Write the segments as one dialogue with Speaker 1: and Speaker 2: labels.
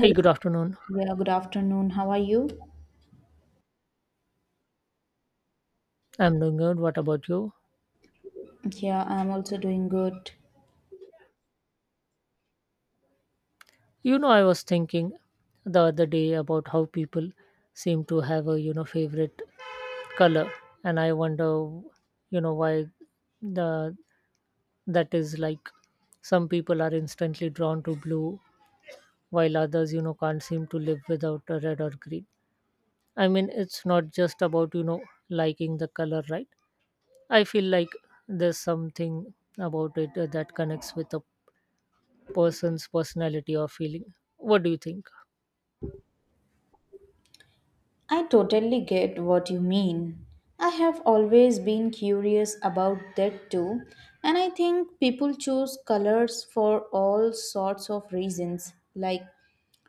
Speaker 1: Hey, good afternoon.
Speaker 2: Yeah, good afternoon. How are you?
Speaker 1: I'm doing good. What about you?
Speaker 2: Yeah, I'm also doing good.
Speaker 1: You know, I was thinking the other day about how people seem to have a favorite color, and I wonder, why the that is like. Some people are instantly drawn to blue, while others, can't seem to live without a red or green. I mean, it's not just about liking the color, right? I feel like there's something about it that connects with a person's personality or feeling. What do you think?
Speaker 2: I totally get what you mean. I have always been curious about that too, and I think people choose colors for all sorts of reasons, like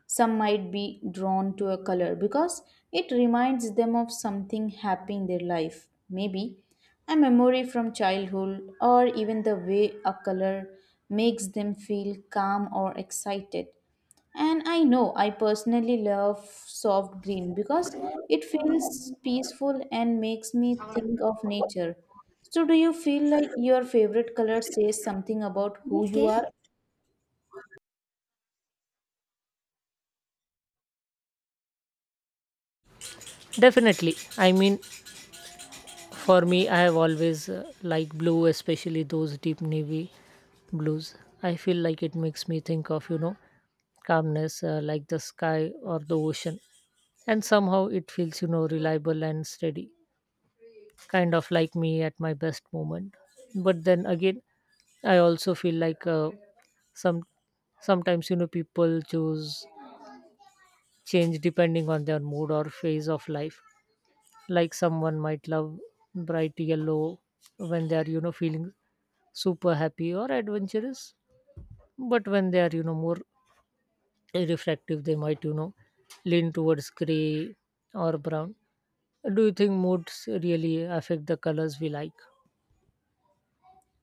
Speaker 2: some might be drawn to a color because it reminds them of something happy in their life, maybe a memory from childhood, or even the way a color makes them feel calm or excited. And I know I personally love soft green because it feels peaceful and makes me think of nature. So, do you feel like your favorite color says something about who you
Speaker 1: Okay.
Speaker 2: are?
Speaker 1: Definitely. I mean, for me, I have always liked blue, especially those deep navy blues. I feel like it makes me think of calmness, like the sky or the ocean, and somehow it feels reliable and steady, kind of like me at my best moment. But then again, I also feel like some sometimes people choose change depending on their mood or phase of life. Like someone might love bright yellow when they are, feeling super happy or adventurous, but when they are, more reflective, they might, lean towards gray or brown. Do you think moods really affect the colors we like?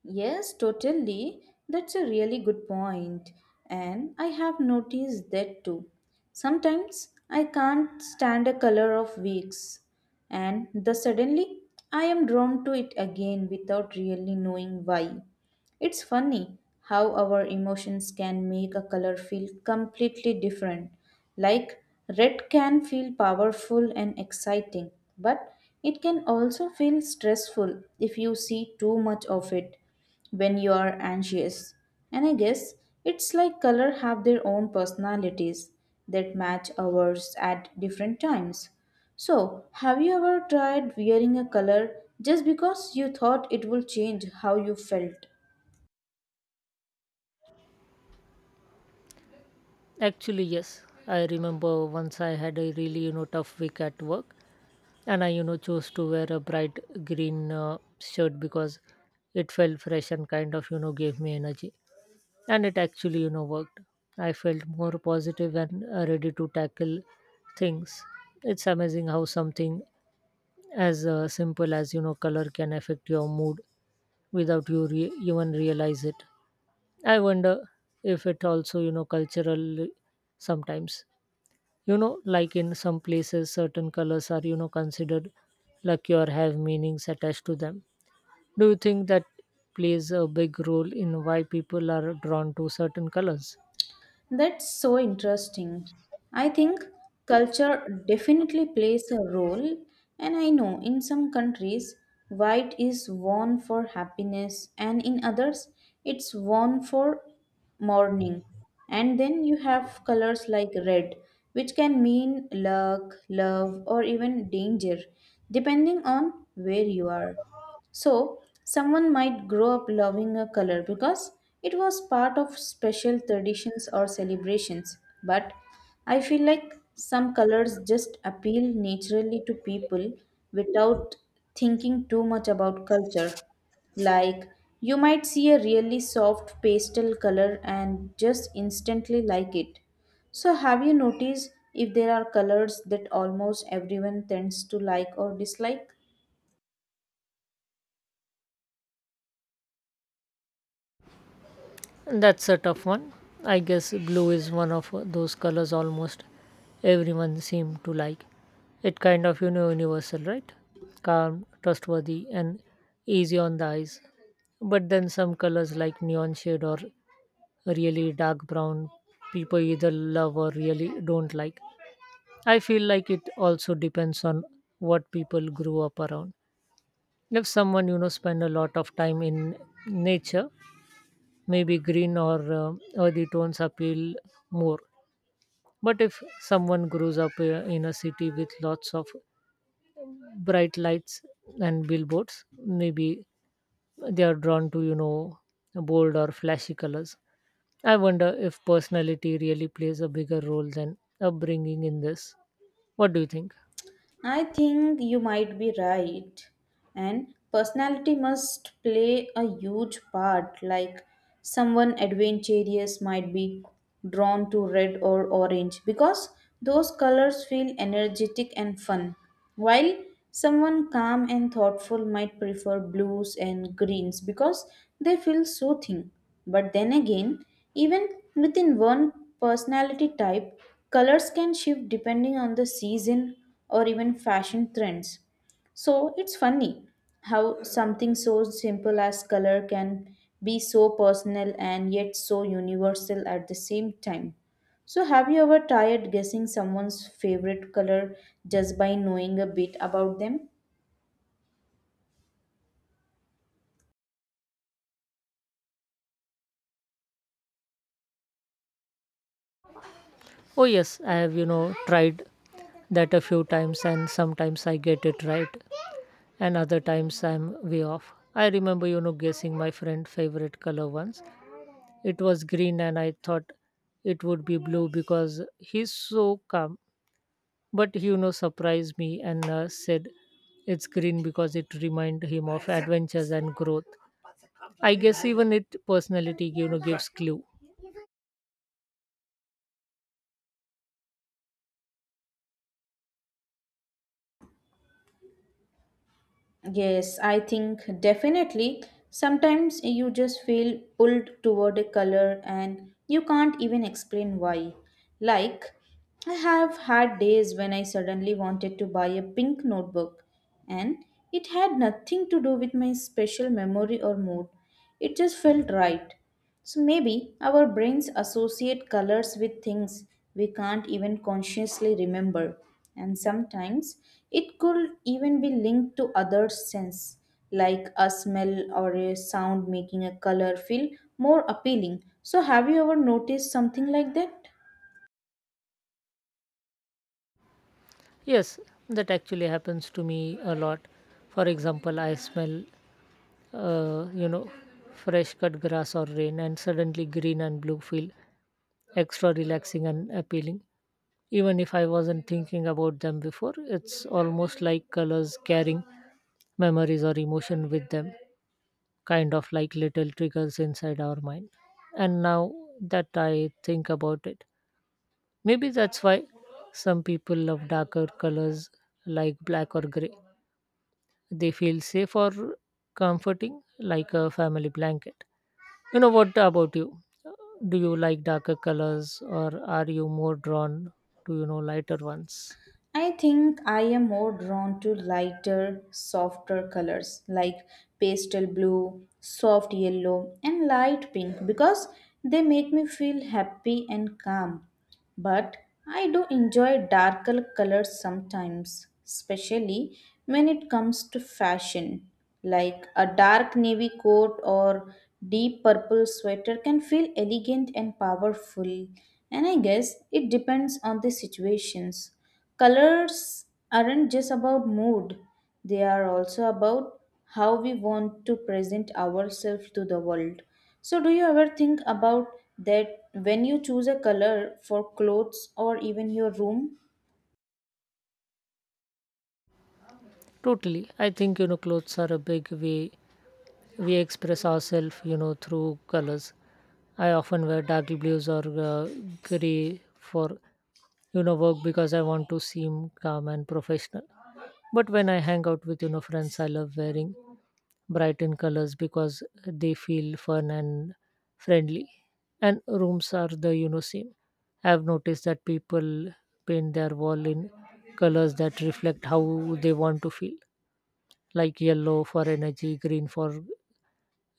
Speaker 2: Yes, totally. That's a really good point. And I have noticed that too. Sometimes I can't stand a color of weeks, and the suddenly I am drawn to it again without really knowing why. It's funny how our emotions can make a color feel completely different. Like, red can feel powerful and exciting, but it can also feel stressful if you see too much of it when you are anxious. And I guess it's like color have their own personalities that match ours at different times. So, have you ever tried wearing a color just because you thought it will change how you felt?
Speaker 1: Actually, yes. I remember once I had a really, tough week at work, and I chose to wear a bright green shirt because it felt fresh and kind of gave me energy, and it actually worked. I felt more positive and ready to tackle things. It's amazing how something as simple as color can affect your mood without even realize it. I wonder if it also cultural sometimes, like in some places certain colors are considered lucky or have meanings attached to them. Do you think that plays a big role in why people are drawn to certain colors?
Speaker 2: That's so interesting. I think culture definitely plays a role, and I know in some countries, white is worn for happiness, and in others, it's worn for mourning. And then you have colors like red, which can mean luck, love, or even danger, depending on where you are. So, someone might grow up loving a color because it was part of special traditions or celebrations. But I feel like some colors just appeal naturally to people without thinking too much about culture. Like, you might see a really soft pastel color and just instantly like it. So, have you noticed if there are colors that almost everyone tends to like or dislike?
Speaker 1: That's a tough one. I guess blue is one of those colors almost everyone seems to like. It kind of universal, right? Calm, trustworthy, and easy on the eyes. But then some colors like neon shade or really dark brown, people either love or really don't like. I feel like it also depends on what people grew up around. If someone spend a lot of time in nature, maybe green or earthy tones appeal more. But if someone grows up in a city with lots of bright lights and billboards, maybe they are drawn to bold or flashy colors. I wonder if personality really plays a bigger role than upbringing in this. What do you think?
Speaker 2: I think you might be right. And personality must play a huge part. Like, someone adventurous might be drawn to red or orange because those colors feel energetic and fun, while someone calm and thoughtful might prefer blues and greens because they feel soothing. But then again, even within one personality type, colors can shift depending on the season or even fashion trends. So it's funny how something so simple as color can be so personal and yet so universal at the same time. So, have you ever tried guessing someone's favorite color just by knowing a bit about them?
Speaker 1: Oh, yes, I have, tried that a few times, and sometimes I get it right, and other times I'm way off. I remember, guessing my friend' favorite color once. It was green, and I thought it would be blue because he's so calm. But he, surprised me and said it's green because it reminded him of adventures and growth. I guess even it personality gives clue.
Speaker 2: Yes, I think definitely. Sometimes you just feel pulled toward a color and you can't even explain why. Like, I have had days when I suddenly wanted to buy a pink notebook, and it had nothing to do with my special memory or mood. It just felt right. So maybe our brains associate colors with things we can't even consciously remember, and sometimes it could even be linked to other sense like a smell or a sound making a color feel more appealing. So have you ever noticed something like that?
Speaker 1: Yes, that actually happens to me a lot. For example, I smell uh, you know fresh cut grass or rain, and suddenly green and blue feel extra relaxing and appealing. Even if I wasn't thinking about them before, it's almost like colors carrying memories or emotion with them, kind of like little triggers inside our mind. And now that I think about it, maybe that's why some people love darker colors like black or gray. They feel safe or comforting like a family blanket. You know, what about you? Do you like darker colors, or are you more drawn to lighter ones?
Speaker 2: I think I am more drawn to lighter, softer colors like pastel blue, soft yellow, and light pink because they make me feel happy and calm. But I do enjoy darker colors sometimes, especially when it comes to fashion. Like a dark navy coat or deep purple sweater can feel elegant and powerful, and I guess it depends on the situations. Colors aren't just about mood, they are also about how we want to present ourselves to the world. So, do you ever think about that when you choose a color for clothes or even your room?
Speaker 1: Totally. I think clothes are a big way we express ourselves, through colors. I often wear dark blues or gray for work because I want to seem calm and professional. But when I hang out with friends, I love wearing bright in colors because they feel fun and friendly. And rooms are the same. I've noticed that people paint their wall in colors that reflect how they want to feel, like yellow for energy, green for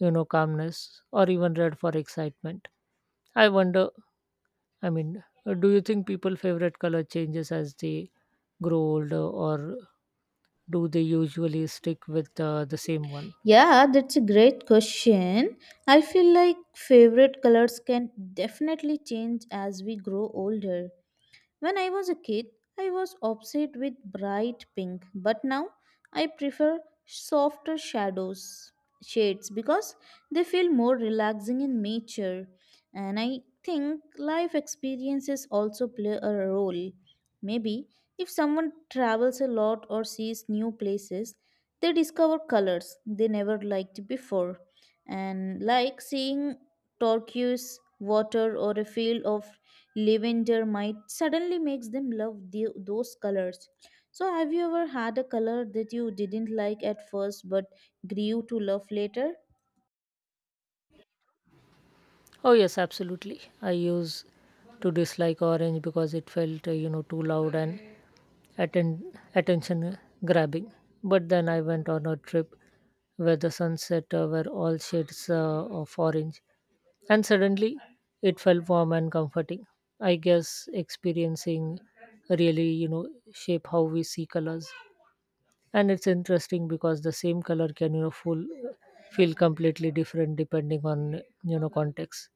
Speaker 1: calmness, or even red for excitement. I wonder, I mean, do you think people favorite color changes as they grow older, or do they usually stick with the same one?
Speaker 2: Yeah, that's a great question. I feel like favorite colors can definitely change as we grow older. When I was a kid, I was obsessed with bright pink, but now I prefer softer shadows shades because they feel more relaxing in nature. And I think life experiences also play a role. Maybe if someone travels a lot or sees new places, they discover colors they never liked before. And like seeing turquoise water or a field of lavender might suddenly makes them love those colors. So have you ever had a color that you didn't like at first but grew to love later?
Speaker 1: Oh yes, absolutely. I used to dislike orange because it felt too loud and attention grabbing. But then I went on a trip where the sunset were all shades of orange. And suddenly it felt warm and comforting. I guess experiencing really, shape how we see colors. And it's interesting because the same color can, feel completely different depending on, context.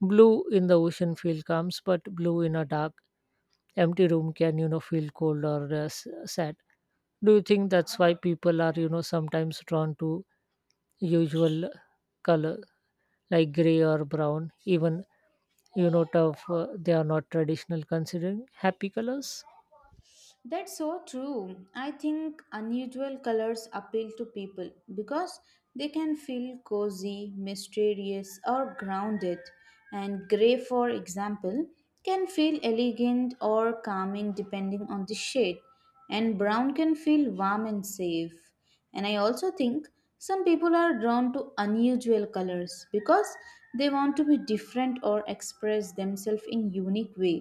Speaker 1: Blue in the ocean feel calms, but blue in a dark, empty room can, feel cold or sad. Do you think that's why people are, sometimes drawn to usual color like gray or brown, even tough, they are not traditional considering happy colors?
Speaker 2: That's so true. I think unusual colors appeal to people because they can feel cozy, mysterious, or grounded. And gray, for example, can feel elegant or calming depending on the shade, and brown can feel warm and safe. And I also think some people are drawn to unusual colors because they want to be different or express themselves in unique way.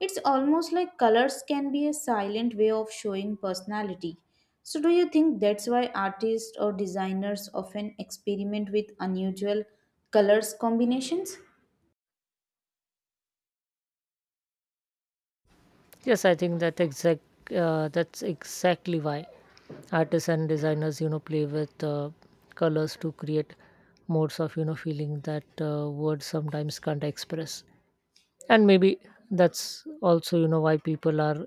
Speaker 2: It's almost like colors can be a silent way of showing personality. So, do you think that's why artists or designers often experiment with unusual colors combinations?
Speaker 1: Yes, I think that exact that's exactly why artists and designers play with colors to create modes of feeling that words sometimes can't express. And maybe that's also why people are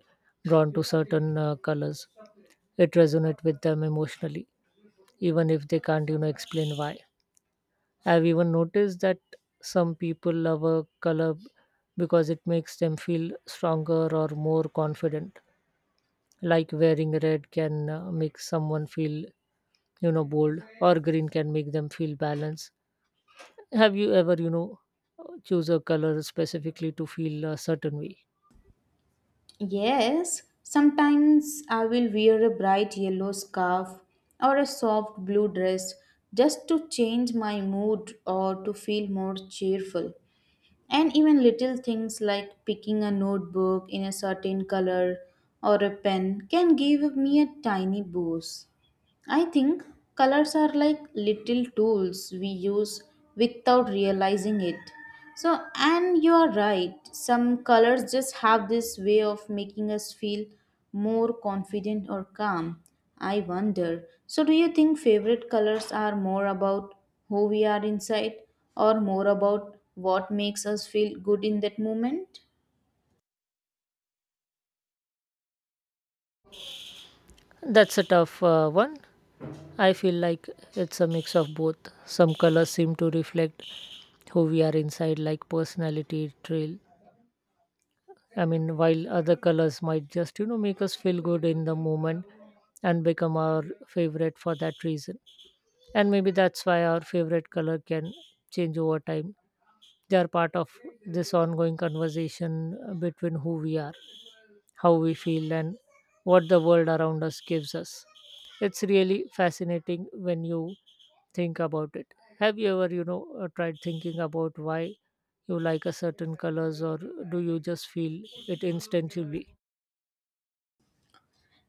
Speaker 1: drawn to certain colors. It resonates with them emotionally, even if they can't explain why. I've even noticed that some people love a color because it makes them feel stronger or more confident. Like wearing red can make someone feel, bold, or green can make them feel balanced. Have you ever, choose a color specifically to feel a certain way?
Speaker 2: Yes, sometimes I will wear a bright yellow scarf or a soft blue dress just to change my mood or to feel more cheerful. And even little things like picking a notebook in a certain color or a pen can give me a tiny boost. I think colors are like little tools we use without realizing it. So, and you are right, some colors just have this way of making us feel more confident or calm. I wonder. So, do you think favorite colors are more about who we are inside or more about what makes us feel good in that moment?
Speaker 1: That's a tough one. I feel like it's a mix of both. Some colors seem to reflect who we are inside, like personality trail, I mean, while other colors might just, make us feel good in the moment and become our favorite for that reason. And maybe that's why our favorite color can change over time. They are part of this ongoing conversation between who we are, how we feel, and what the world around us gives us. It's really fascinating when you think about it. Have you ever, tried thinking about why you like a certain colors, or do you just feel it instinctively?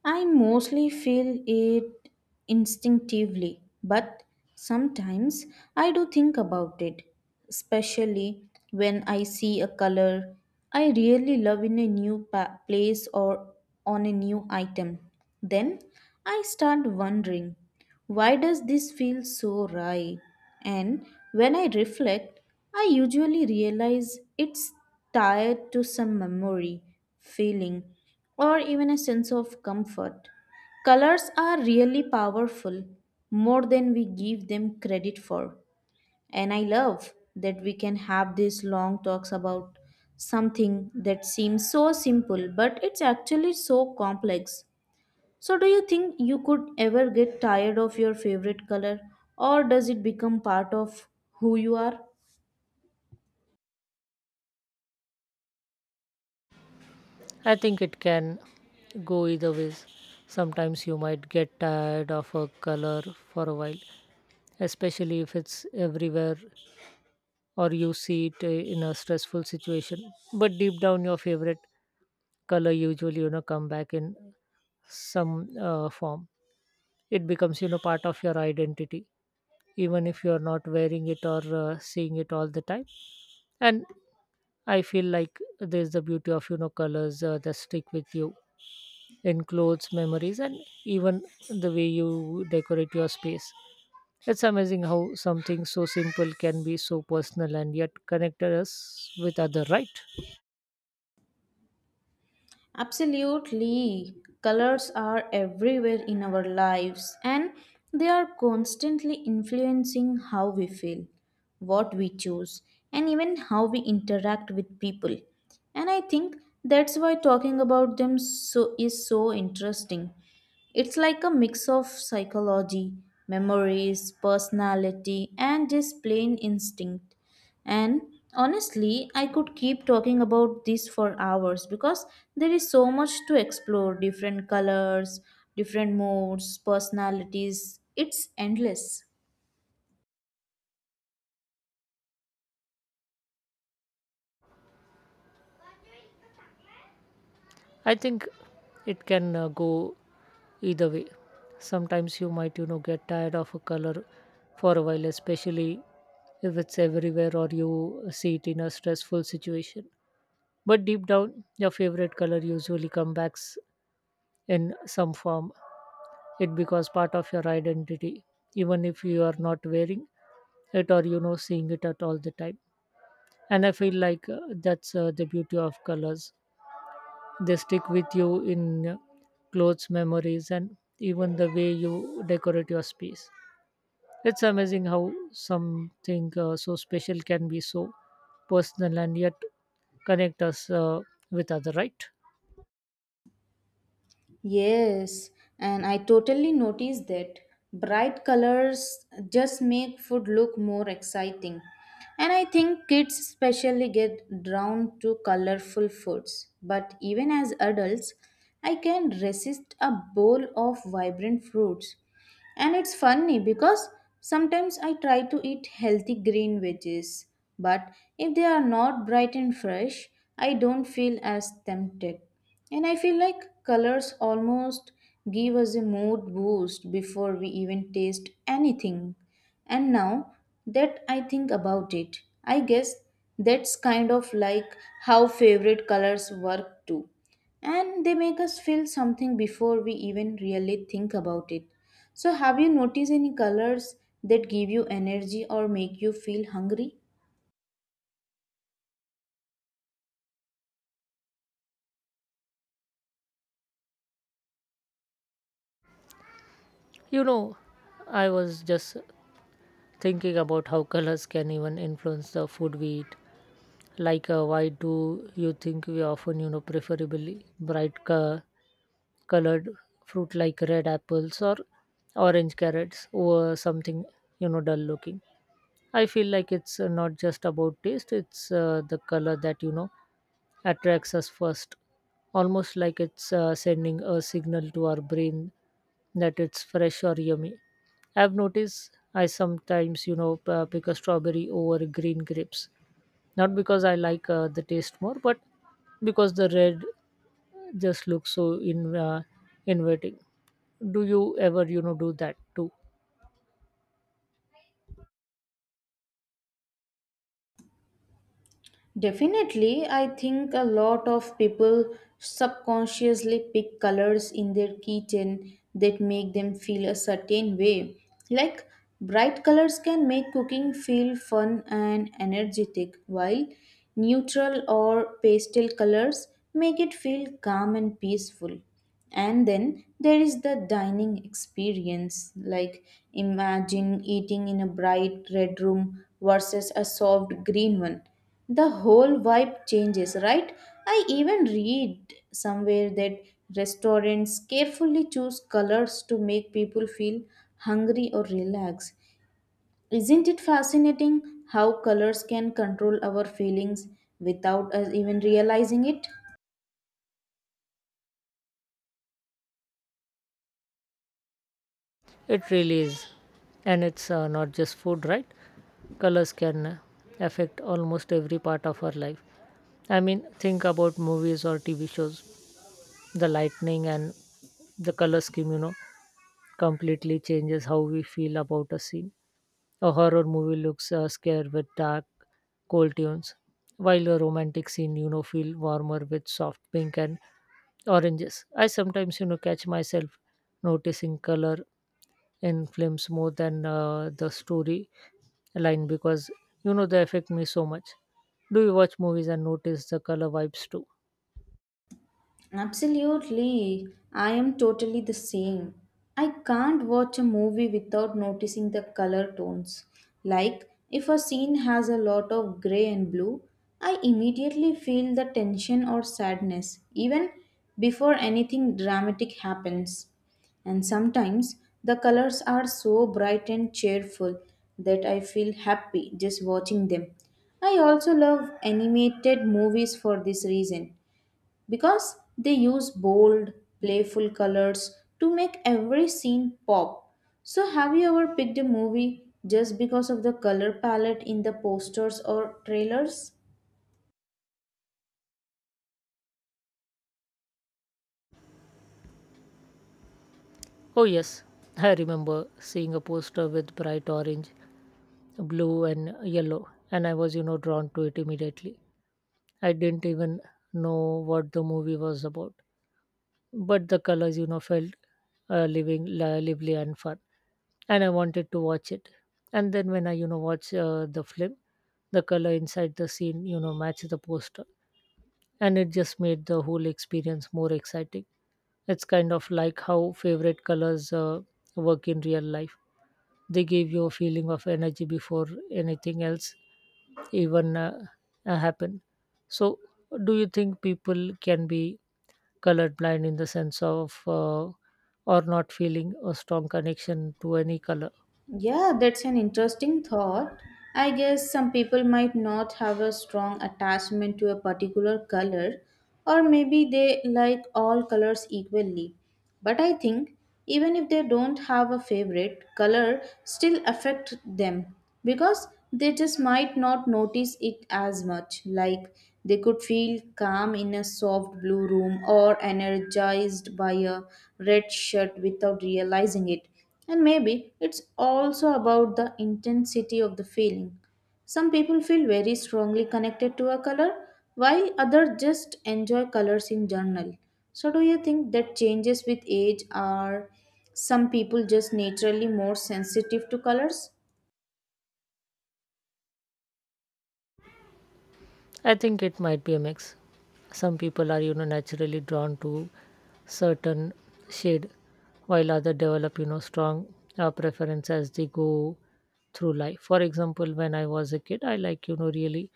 Speaker 2: I mostly feel it instinctively, but sometimes I do think about it, especially when I see a color I really love in a new place or on a new item. Then I start wondering, why does this feel so right? And when I reflect, I usually realize it's tied to some memory, feeling, or even a sense of comfort. Colors are really powerful, more than we give them credit for. And I love that we can have these long talks about something that seems so simple, but it's actually so complex. So, do you think you could ever get tired of your favorite color, or does it become part of who you are?
Speaker 1: I think it can go either ways. Sometimes you might get tired of a color for a while, especially if it's everywhere or you see it in a stressful situation. But deep down, your favorite color usually come back in some form. It becomes part of your identity, even if you are not wearing it or seeing it all the time. And I feel like there's the beauty of colors that stick with you in clothes, memories, and even the way you decorate your space. It's amazing how something so simple can be so personal and yet connect us with other, right?
Speaker 2: Absolutely. Colors are everywhere in our lives and they are constantly influencing how we feel, what we choose, and even how we interact with people. And I think that's why talking about them so is so interesting. It's like a mix of psychology, memories, personality, and just plain instinct. And honestly, I could keep talking about this for hours because there is so much to explore different colors, different moods, personalities. It's endless.
Speaker 1: I think it can go either way. Sometimes you might, get tired of a color for a while, especially if it's everywhere or you see it in a stressful situation. But deep down, your favorite color usually comes back in some form. It becomes part of your identity, even if you are not wearing it or seeing it at all the time. And I feel like that's the beauty of colors. They stick with you in clothes, memories, and even the way you decorate your space. It's amazing how something so special can be so personal and yet connect us, with other, right?
Speaker 2: Yes, and I totally noticed that bright colors just make food look more exciting. And I think kids especially get drawn to colorful foods. But even as adults, I can resist a bowl of vibrant fruits. And it's funny because sometimes I try to eat healthy green veggies, but if they are not bright and fresh, I don't feel as tempted. And I feel like colors almost give us a mood boost before we even taste anything. And now that I think about it, I guess that's kind of like how favorite colors work too and they make us feel something before we even really think about it. So, have you noticed any colors that give you energy or make you feel hungry?
Speaker 1: You know, I was just thinking about how colors can even influence the food we eat. Like, why do you think we often, preferably colored fruit like red apples or orange carrots over something, dull looking? I feel like it's not just about taste, it's the color that, attracts us first. Almost like it's sending a signal to our brain that it's fresh or yummy. I've noticed I sometimes, pick a strawberry over green grapes. Not because I like the taste more, but because the red just looks so inviting. Do you ever, do that too?
Speaker 2: Definitely, I think a lot of people subconsciously pick colors in their kitchen that make them feel a certain way. Like, bright colors can make cooking feel fun and energetic, while neutral or pastel colors make it feel calm and peaceful. And then there is the dining experience like imagine eating in a bright red room versus a soft green one. The whole vibe changes, right? I even read somewhere that restaurants carefully choose colors to make people feel hungry or relaxed. Isn't it fascinating how colors can control our feelings without us even realizing it?
Speaker 1: It really is. And it's not just food, right? Colors can affect almost every part of our life. I mean, think about movies or TV shows. The lightning and the color scheme, completely changes how we feel about a scene. A horror movie looks scary with dark, cold tones, while a romantic scene, feel warmer with soft pink and oranges. I sometimes, catch myself noticing color in films more than the story line because they affect me so much. Do you watch movies and notice the color vibes too?
Speaker 2: Absolutely. I am totally the same. I can't watch a movie without noticing the color tones. Like, if a scene has a lot of gray and blue, I immediately feel the tension or sadness, even before anything dramatic happens. And sometimes the colors are so bright and cheerful that I feel happy just watching them. I also love animated movies for this reason because they use bold, playful colors to make every scene pop. So, have you ever picked a movie just because of the color palette in the posters or trailers?
Speaker 1: Oh yes, I remember seeing a poster with bright orange, blue, and yellow, and I was drawn to it immediately. I didn't even know what the movie was about, but the colors, felt lively and fun, and I wanted to watch it. And then when I, watch the film, the color inside the scene, match the poster, and it just made the whole experience more exciting. It's kind of like how favorite colors work in real life. They give you a feeling of energy before anything else even happen. So, do you think people can be colorblind in the sense of or not feeling a strong connection to any color?
Speaker 2: Yeah, that's an interesting thought. I guess some people might not have a strong attachment to a particular color, or maybe they like all colors equally. But I think even if they don't have a favorite, color still affect them because they just might not notice it as much. Like, they could feel calm in a soft blue room or energized by a red shirt without realizing it. And maybe it's also about the intensity of the feeling. Some people feel very strongly connected to a color, while others just enjoy colors in general. So, do you think that changes with age? Are some people just naturally more sensitive to colors?
Speaker 1: I think it might be a mix. Some people are, naturally drawn to certain shade, while others develop, strong preference as they go through life. For example, when I was a kid, I really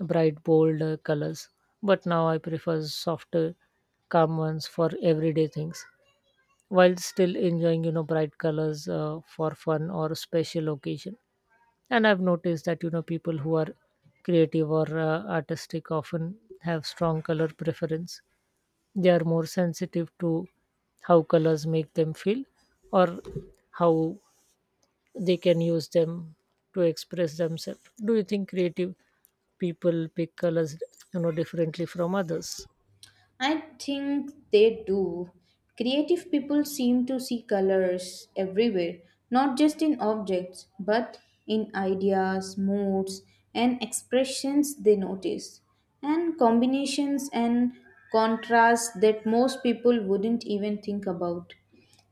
Speaker 1: bright, bold colors, but now I prefer softer, calm ones for everyday things, while still enjoying, bright colors for fun or special occasion. And I've noticed that people who are creative or artistic often have strong color preference. They are more sensitive to how colors make them feel or how they can use them to express themselves. Do you think creative people pick colors differently from others?
Speaker 2: I think they do. Creative people seem to see colors everywhere, not just in objects, but in ideas, moods, and expressions they notice, and combinations and contrasts that most people wouldn't even think about.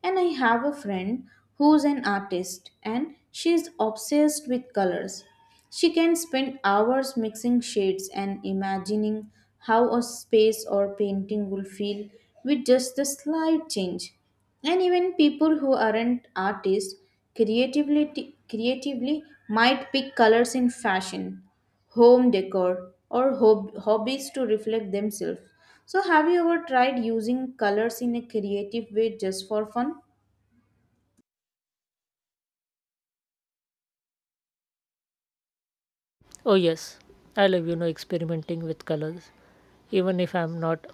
Speaker 2: And I have a friend who's an artist and she's obsessed with colors. She can spend hours mixing shades and imagining how a space or painting will feel with just the slight change. And even people who aren't artists creatively might pick colors in fashion, home decor, or hobbies to reflect themselves. So, have you ever tried using colors in a creative way just for fun?
Speaker 1: Oh yes, I love experimenting with colors even if I'm not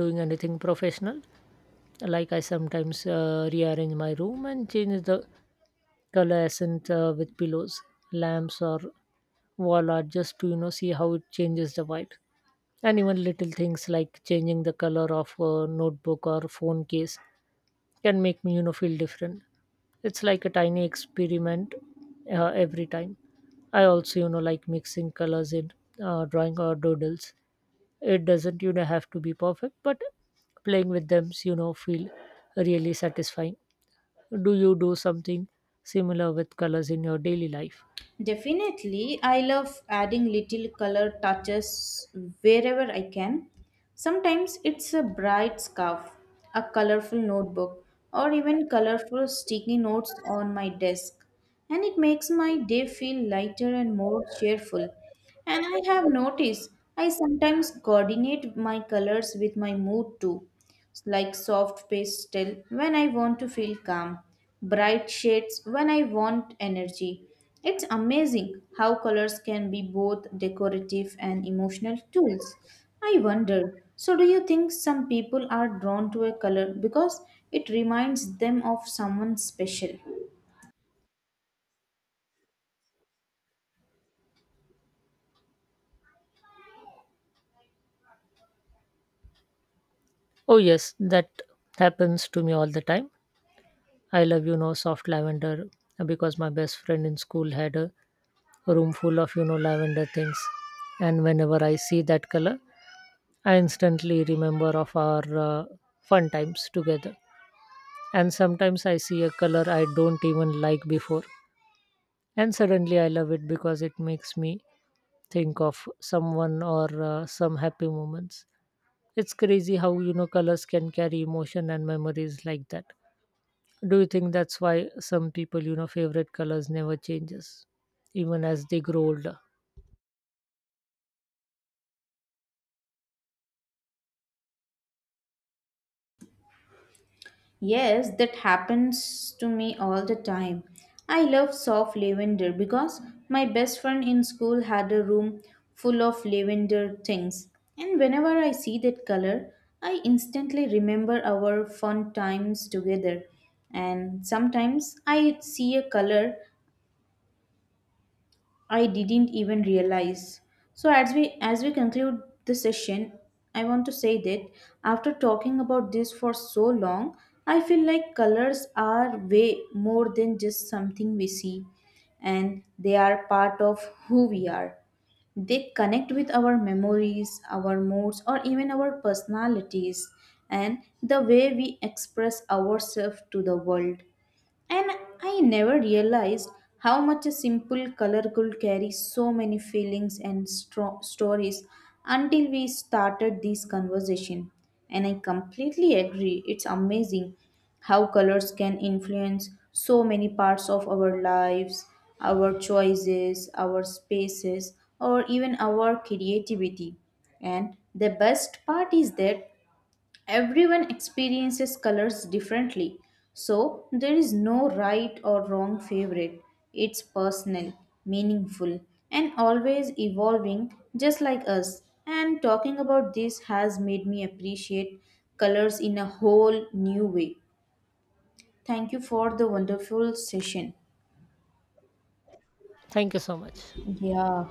Speaker 1: doing anything professional. Like I sometimes rearrange my room and change the adolescent with pillows, lamps, or wall art just to see how it changes the vibe. And even little things like changing the color of a notebook or phone case can make me feel different. It's like a tiny experiment every time. I also like mixing colors in drawing or doodles. It doesn't have to be perfect, but playing with them feel really satisfying. Do you do something similar with colors in your daily life?
Speaker 2: Definitely, I love adding little color touches wherever I can. Sometimes it's a bright scarf, a colorful notebook, or even colorful sticky notes on my desk. And it makes my day feel lighter and more cheerful. And I have noticed I sometimes coordinate my colors with my mood too, like soft pastel when I want to feel calm, bright shades when I want energy. It's amazing how colors can be both decorative and emotional tools. I wonder, so do you think some people are drawn to a color because it reminds them of someone special?
Speaker 1: Oh, yes, that happens to me all the time. I love, soft lavender because my best friend in school had a room full of, lavender things. And whenever I see that color, I instantly remember of our fun times together. And sometimes I see a color I don't even like before. And suddenly I love it because it makes me think of someone or some happy moments. It's crazy how, colors can carry emotion and memories like that. Do you think that's why some people, favorite colors never changes even as they grow older?
Speaker 2: Yes, that happens to me all the time. I love soft lavender because my best friend in school had a room full of lavender things. And whenever I see that color, I instantly remember our fun times together. And sometimes I see a color I didn't even realize. So as we conclude the session, I want to say that after talking about this for so long, I feel like colors are way more than just something we see and they are part of who we are. They connect with our memories, our moods or even our personalities and the way we express ourselves to the world. And I never realized how much a simple color could carry so many feelings and stories until we started this conversation. And I completely agree. It's amazing how colors can influence so many parts of our lives, our choices, our spaces, or even our creativity. And the best part is that everyone experiences colors differently, so there is no right or wrong favorite. It's personal, meaningful, and always evolving, just like us. And talking about this has made me appreciate colors in a whole new way. Thank you for the wonderful session.
Speaker 1: Thank you so much.
Speaker 2: Yeah.